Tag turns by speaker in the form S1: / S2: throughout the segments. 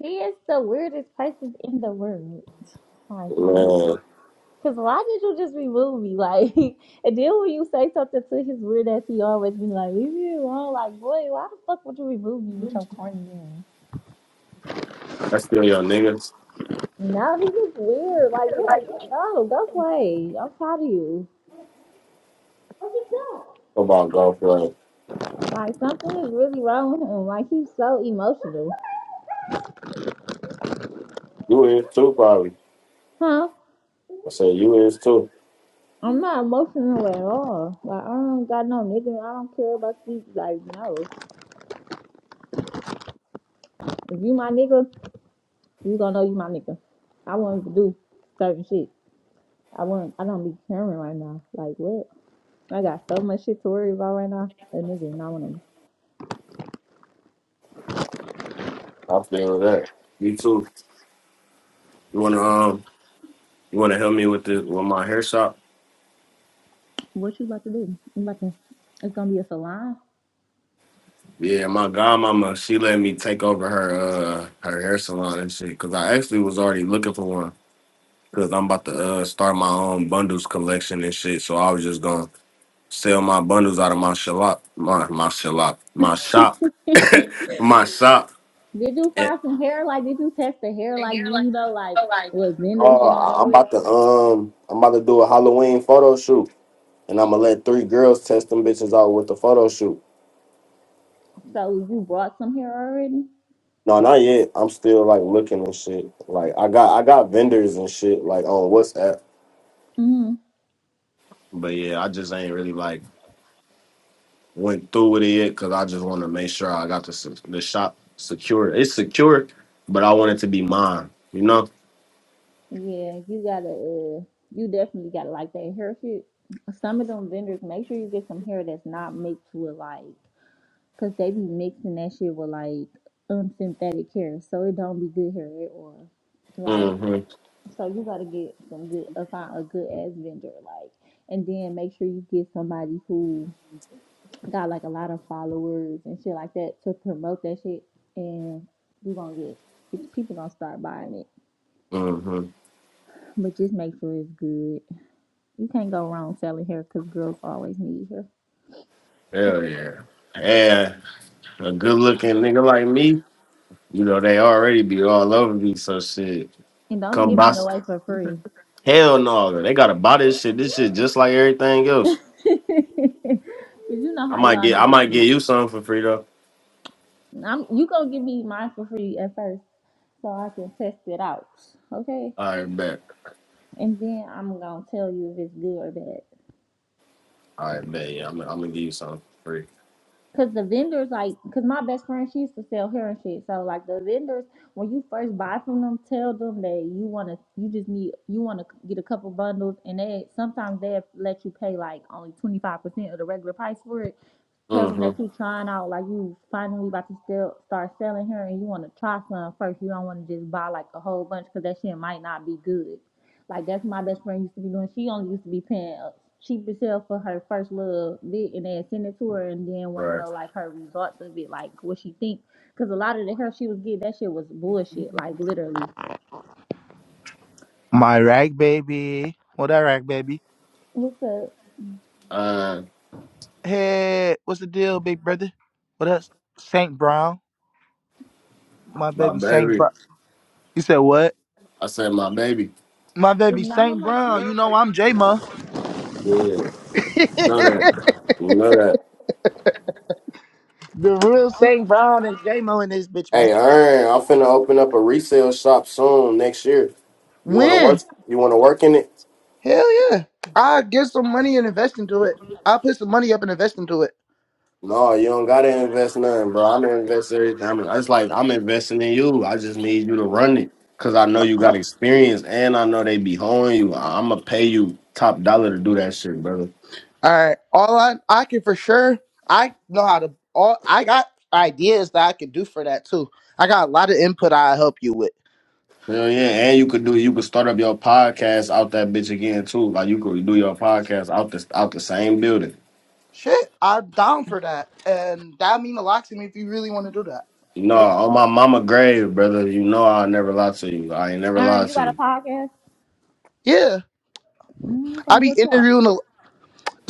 S1: He is the weirdest person in the world. Like, because
S2: Man,
S1: why did you just remove me? Like, and then when you say something to his weird ass, he always be like, leave me alone. Like, boy, why the fuck would you remove me with your corny ass?
S2: that's still your niggas.
S1: No, he just weird. Like, yeah, yeah, no, go play. I'm proud of you.
S2: Come on, golf like
S1: Like, something is really wrong with him. Like, he's so emotional.
S2: You is too, probably.
S1: Huh?
S2: I say you is too.
S1: I'm not emotional at all. Like, I don't got no nigga. I don't care about these. Like, no. If you my nigga, You gonna know you my nigga. I wouldn't do certain shit. I wouldn't. I don't be caring right now. Like what? I got so much shit to worry about right now. A nigga, Not I wanna.
S2: I feel that. You too. You wanna um, you wanna help me with this with my hair shop?
S1: What you about to do? You about to? It's gonna be a salon.
S2: Yeah, my godmama, she let me take over her uh her hair salon and shit. Cause I actually was already looking for one. Cause I'm about to uh start my own bundles collection and shit. So I was just gonna sell my bundles out of my shop, my my shop, my
S1: Did
S2: shop, my shop.
S1: you find some hair? Like, did you test the hair? Like, do you know like what vendors
S2: Oh,
S1: you gonna
S2: I-
S1: go
S2: I'm
S1: with?
S2: about to um, I'm about to do a Halloween photo shoot, and I'm gonna let three girls test them bitches out with the photo shoot.
S1: So you brought some hair already?
S2: No, not yet. I'm still like looking and shit. Like I got I got vendors and shit like on WhatsApp.
S1: Mm.
S2: But yeah, I just ain't really like went through with it yet because I just want to make sure I got the se- the shop secure. It's secure, but I want it to be mine. You know.
S1: Yeah, you gotta. Uh, you definitely gotta like that hair shit. Some of them vendors, make sure you get some hair that's not mixed with like. Cause they be mixing that shit with like unsynthetic hair, so it don't be good hair at all. Like,
S2: Mm-hmm.
S1: so you gotta get some good, uh, find a good ass vendor, like, and then make sure you get somebody who got like a lot of followers and shit like that to promote that shit, and you gonna get bitch, people gonna start buying it.
S2: Mm-hmm.
S1: But just make sure it's good. You can't go wrong selling hair, cause girls always need hair,
S2: Hell yeah. Yeah, a good looking nigga like me You know, they already be all over me, so shit.
S1: and don't be
S2: Come
S1: giving
S2: by
S1: it away for free.
S2: hell no. They gotta buy this shit. This shit just like everything
S1: Cause
S2: else.
S1: you know
S2: I
S1: how
S2: might
S1: y'all
S2: get I
S1: niggas
S2: might get
S1: get.
S2: you something for free though.
S1: I'm you gonna give me mine for free at first so I can test it out, okay?
S2: All right, bet.
S1: And then I'm gonna tell you if it's good or bad.
S2: All right, bet. Yeah, I'm, I'm gonna give you something for free.
S1: Cause the vendors, like, cause my best friend, she used to sell hair and shit. So like the vendors, when you first buy from them, tell them that you wanna, you just need, you wanna get a couple bundles, and they sometimes they let you pay like only twenty five percent of the regular price for it. Tell them
S2: Mm-hmm.
S1: that you trying out, like you finally about to still start selling hair, and you wanna try some first. You don't wanna just buy like a whole bunch, cause that shit might not be good. Like that's my best friend used to be doing. She only used to be paying uh, cheap as hell for her first little bit, and then send it to her, and then want to
S2: Right.
S1: know like her results of it, like what she think. Cause a lot of the hair she was getting, that shit was bullshit. Like literally.
S3: My rag baby. What that rag baby?
S1: What's up?
S2: Uh
S3: Hey, what's the deal, big brother? What else? Saint Brown? My
S2: my
S3: baby Saint
S2: baby.
S3: Brown. You said what?
S2: I said my baby.
S3: My
S1: Is
S3: baby
S1: Nana
S3: Saint
S1: like
S3: Brown. You
S1: this?
S3: know I'm J Mo.
S2: Yeah. Know
S3: the
S2: that. know that.
S3: real Saint Brown and J Mo in this bitch, man.
S2: Hey, Earn, I'm finna open up a resale shop soon next year. You wanna work
S3: When?
S2: you wanna work in it?
S3: Hell yeah. I get some money and invest into it. I put some money up and invest into it.
S2: No, you don't gotta invest nothing, bro. I'm gonna invest everything. I mean, it's like I'm investing in you. I just need you to run it because I know you got experience and I know they be holding you. I'm gonna pay you top dollar to do that shit, brother.
S3: All right. All I I can for sure. I know how to. All I got ideas that I can do for that too. I got a lot of input I help you with.
S2: Hell yeah, and you could do you could start up your podcast out that bitch again too. Like you could do your podcast out the out the same building.
S3: Shit, I'm down for that. And that mean a lot to me if you really want to do that.
S2: No,
S3: Thank
S2: on
S3: you.
S2: my mama grave, brother. You know I never lie to you. I ain't never
S1: Aaron,
S2: lied
S1: you
S2: to
S1: got a
S2: you.
S1: podcast?
S3: Yeah,
S1: Mm, okay,
S3: I be
S1: what's what?
S3: interviewing. A,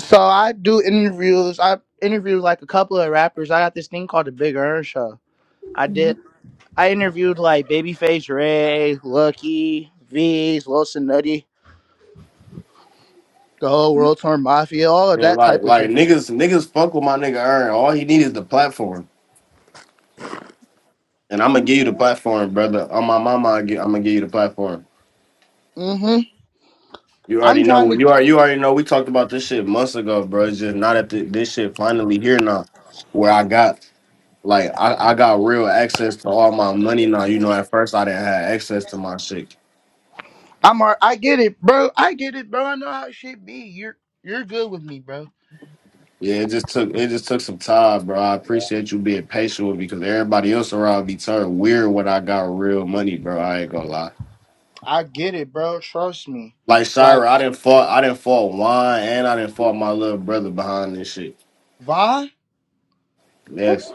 S3: so I do interviews. I interviewed like a couple of rappers. I got this thing called the Big Earn Show. I did. I interviewed like Babyface Ray, Lucky, V's, Wilson Nutty, the whole World Tour Mafia, all of
S2: Yeah,
S3: that
S2: like
S3: type of
S2: like
S3: shit.
S2: niggas niggas fuck with my nigga Earn. All he need is the platform. and I'm gonna give you the platform, brother. On my mama, I gi- I'm gonna give you the platform.
S3: hmm
S2: You
S3: I'm
S2: already know
S3: trying
S2: what you
S3: to.
S2: are. You already know we talked about this shit months ago, bro. It's just not that th- this shit finally here now, where I got like I, I got real access to all my money now. You know, at first I didn't have access to my shit.
S3: I'm. ar- I get it, bro. I get it, bro. I know how shit be. You're. You're good with me, bro.
S2: Yeah, it just took it just took some time, bro. I appreciate you being patient with me because everybody else around me turned weird when I got real money, bro. I ain't gonna lie.
S3: I get it, bro. Trust me.
S2: Like Shira,
S3: Like,
S2: I didn't fault I didn't fault wine and I didn't fault my little brother behind this shit.
S3: why?
S2: Yes.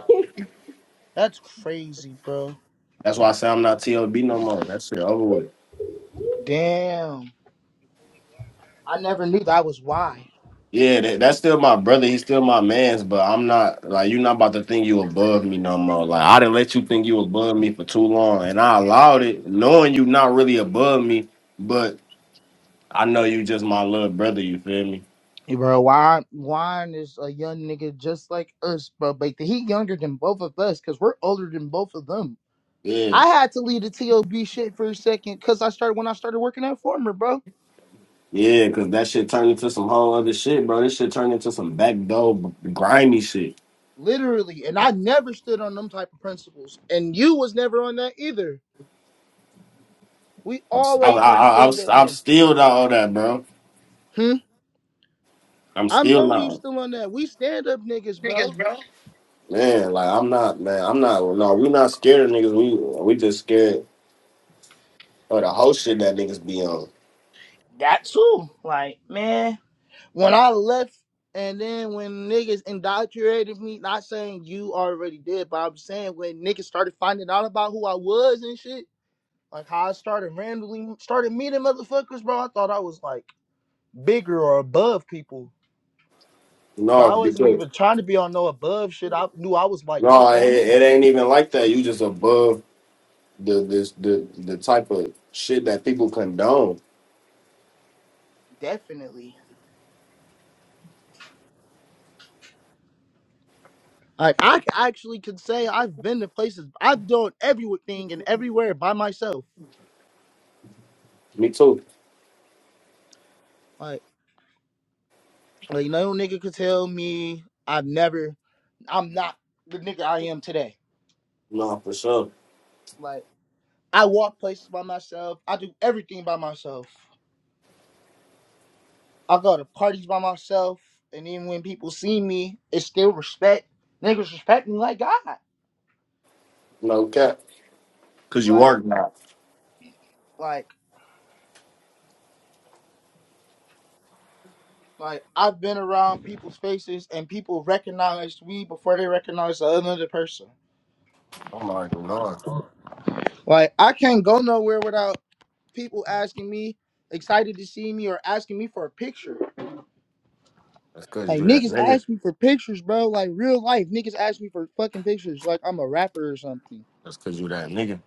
S3: That's crazy, bro.
S2: That's why I say I'm not TLB no more. That shit over with.
S3: Damn. I never knew that was why.
S2: Yeah, that, that's still my brother. He's still my man's, but I'm not like you. Not about to think you above me no more. Like I didn't let you think you above me for too long, and I allowed it, knowing you not really above me, but I know you just my little brother. You feel me?
S3: Hey, bro, why? Wine is a young nigga just like us, bro. But he younger than both of us because we're older than both of them.
S2: Yeah,
S3: I had to leave the TOB shit for a second because I started when I started working at Former, bro.
S2: yeah. Cause that shit turned into some whole other shit, bro. This shit turned into some backdoor b- grimy shit.
S3: Literally. And I never stood on them type of principles. And you was never on that either. We
S2: I'm, s- I,
S3: always
S2: I,
S3: been
S2: I, I'm,
S3: stand
S2: s-
S3: up
S2: I'm
S3: men.
S2: still not all that, bro.
S3: Hmm.
S2: I'm
S3: I'm
S2: still
S3: knowing you
S2: not.
S3: still on that. We stand up niggas, bro.
S2: Man, like I'm not, man, I'm not. No, we not scared of niggas. We we just scared of the whole shit that niggas be on.
S3: That too. Like, man. When I left, and then when niggas indoctrinated me, not saying you already did, but I'm saying when niggas started finding out about who I was and shit, like how I started randomly started meeting motherfuckers, bro. I thought I was like bigger or above people, but
S2: No,
S3: I wasn't
S2: because
S3: even trying to be on no above shit. I knew I was like my
S2: no, it,
S3: own
S2: it
S3: nigga.
S2: ain't even like that. You just above the this the the type of shit that people condone.
S3: Definitely. Like I c- actually could say I've been to places. I've done everything and everywhere by myself.
S2: Me too.
S3: Like, like no nigga could tell me I've never. I'm not the nigga I am today.
S2: No, for sure.
S3: Like I walk places by myself. I do everything by myself. I go to parties by myself. And even when people see me, it's still respect. Niggas respect me like God.
S2: No cap. Cause you are
S3: Like,
S2: not.
S3: like, like I've been around people's faces and people recognized me before they recognized the other person
S2: I'm already knowing.
S3: Like I can't go nowhere without people asking me, excited to see me or asking me for a picture.
S2: That's cause
S3: Like
S2: you that
S3: niggas
S2: nigga.
S3: ask me for pictures, bro. Like real life, niggas ask me for fucking pictures. Like I'm a rapper or something.
S2: That's cause you that nigga.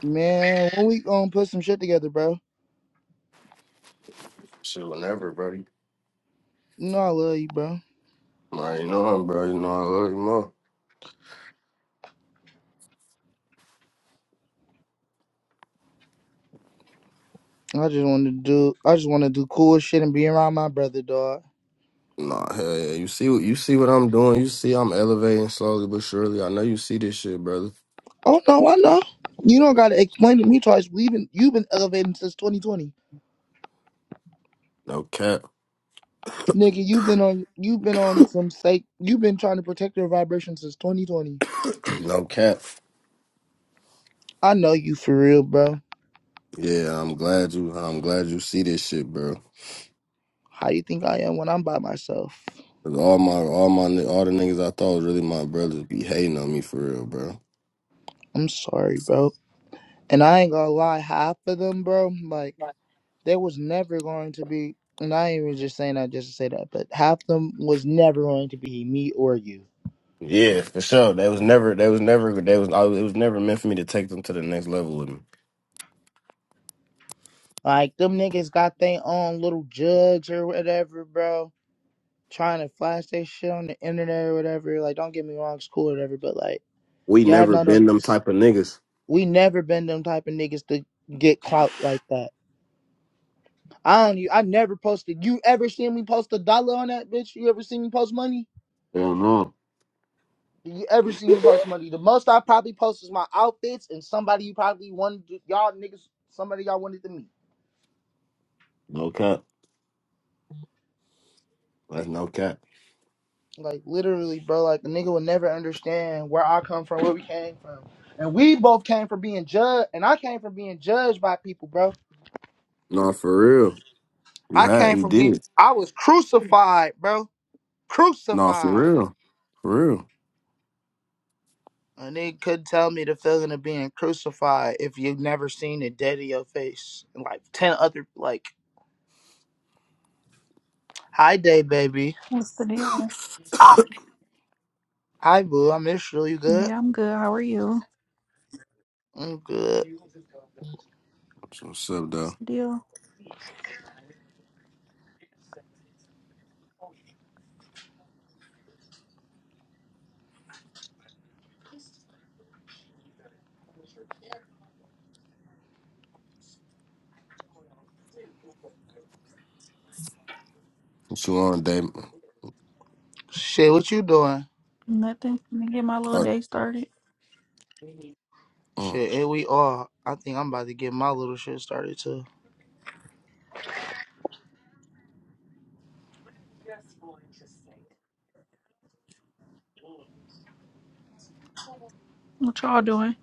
S3: Man, when we gonna put some shit together, bro?
S2: Shit, whenever, bro. You
S3: You know I love you, bro.
S2: already know him, bro. You know I love you more.
S3: I just want to do, I just want to do cool shit and be around my brother, dog.
S2: Nah, hell yeah. You see what you see what I'm doing. You see I'm elevating slowly but surely. I know you see this shit, brother.
S3: Oh no, I know. You don't gotta explain to me twice. We've been, you've been elevating since 2020,
S2: No cap.
S3: nigga. You've been on, you've been on some sake. You've been trying to protect your vibration since 2020.
S2: no cap.
S3: I know you for real, bro.
S2: Yeah, I'm glad you I'm glad you see this shit, bro.
S3: How you think I am when I'm by myself?
S2: 'Cause all my all my ni- all the niggas I thought was really my brothers be hating on me for real, bro.
S3: I'm sorry, bro. And I ain't gonna lie, half of them, bro, like they was never going to be. And I ain't even just saying that just to say that, but half of them was never going to be me or you.
S2: Yeah, for sure. They was never they was never they was I was, it was never meant for me to take them to the next level with me.
S3: Like them niggas got their own little jugs or whatever, bro. Trying to flash their shit on the internet or whatever. Like, don't get me wrong, it's cool or whatever, but like,
S2: We
S3: y'all
S2: never
S3: know, don't,
S2: been them type of niggas.
S3: we never been them type of niggas to get clout like that. I don't. e- I never posted. You ever seen me post a dollar on that bitch? You ever seen me post money?
S2: Hell no.
S3: you ever seen me post money? The most I probably post is my outfits and somebody you probably wanted to, y'all niggas. Somebody y'all wanted to meet.
S2: No cap. That's no cap.
S3: Like literally, bro. Like a nigga would never understand where I come from, where we came from, and we both came from being judged, and I came from being judged by people, bro.
S2: No, for real. You
S3: I
S2: had
S3: came
S2: you
S3: from being.
S2: did.
S3: I was crucified, bro.
S2: No, for
S3: Crucified.
S2: real. For real.
S3: And they couldn't tell me the feeling of being crucified if you've never seen it dead in your face. And like ten other like, hi day baby,
S4: What's the deal?
S3: hi boo, I miss you. You good?
S4: Yeah, I'm good. How are you?
S3: I'm good.
S2: So what's up,
S4: What's
S2: though?
S4: the deal?
S2: What you on, Dave?
S3: Shit, what you doing?
S4: Nothing. Let me get my little
S2: Like,
S4: day started.
S2: mm,
S3: Shit, here we are. I think I'm about to get my little shit started too.
S4: What y'all doing?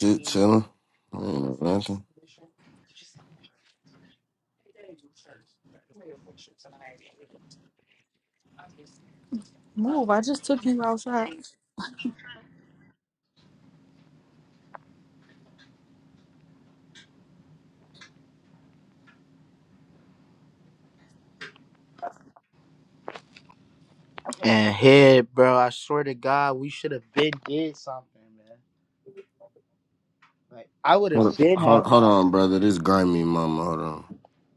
S2: shit, chilling. I ain't no nothing.
S4: Move. I just took you outside.
S3: And head, bro, I swear to God, we should have been did something, man. Like I would have
S2: Hold,
S3: been had.
S2: hold, hold on, brother. This grimy mama. Hold on.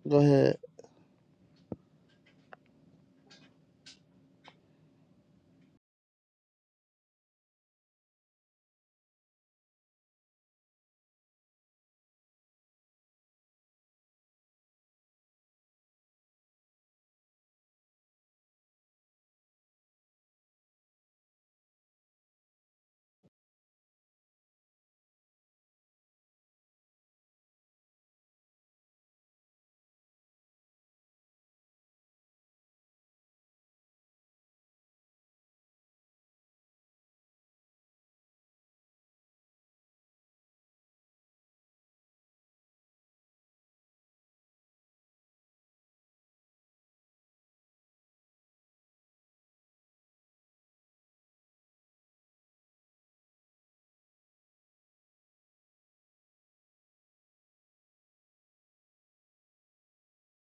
S3: Go ahead.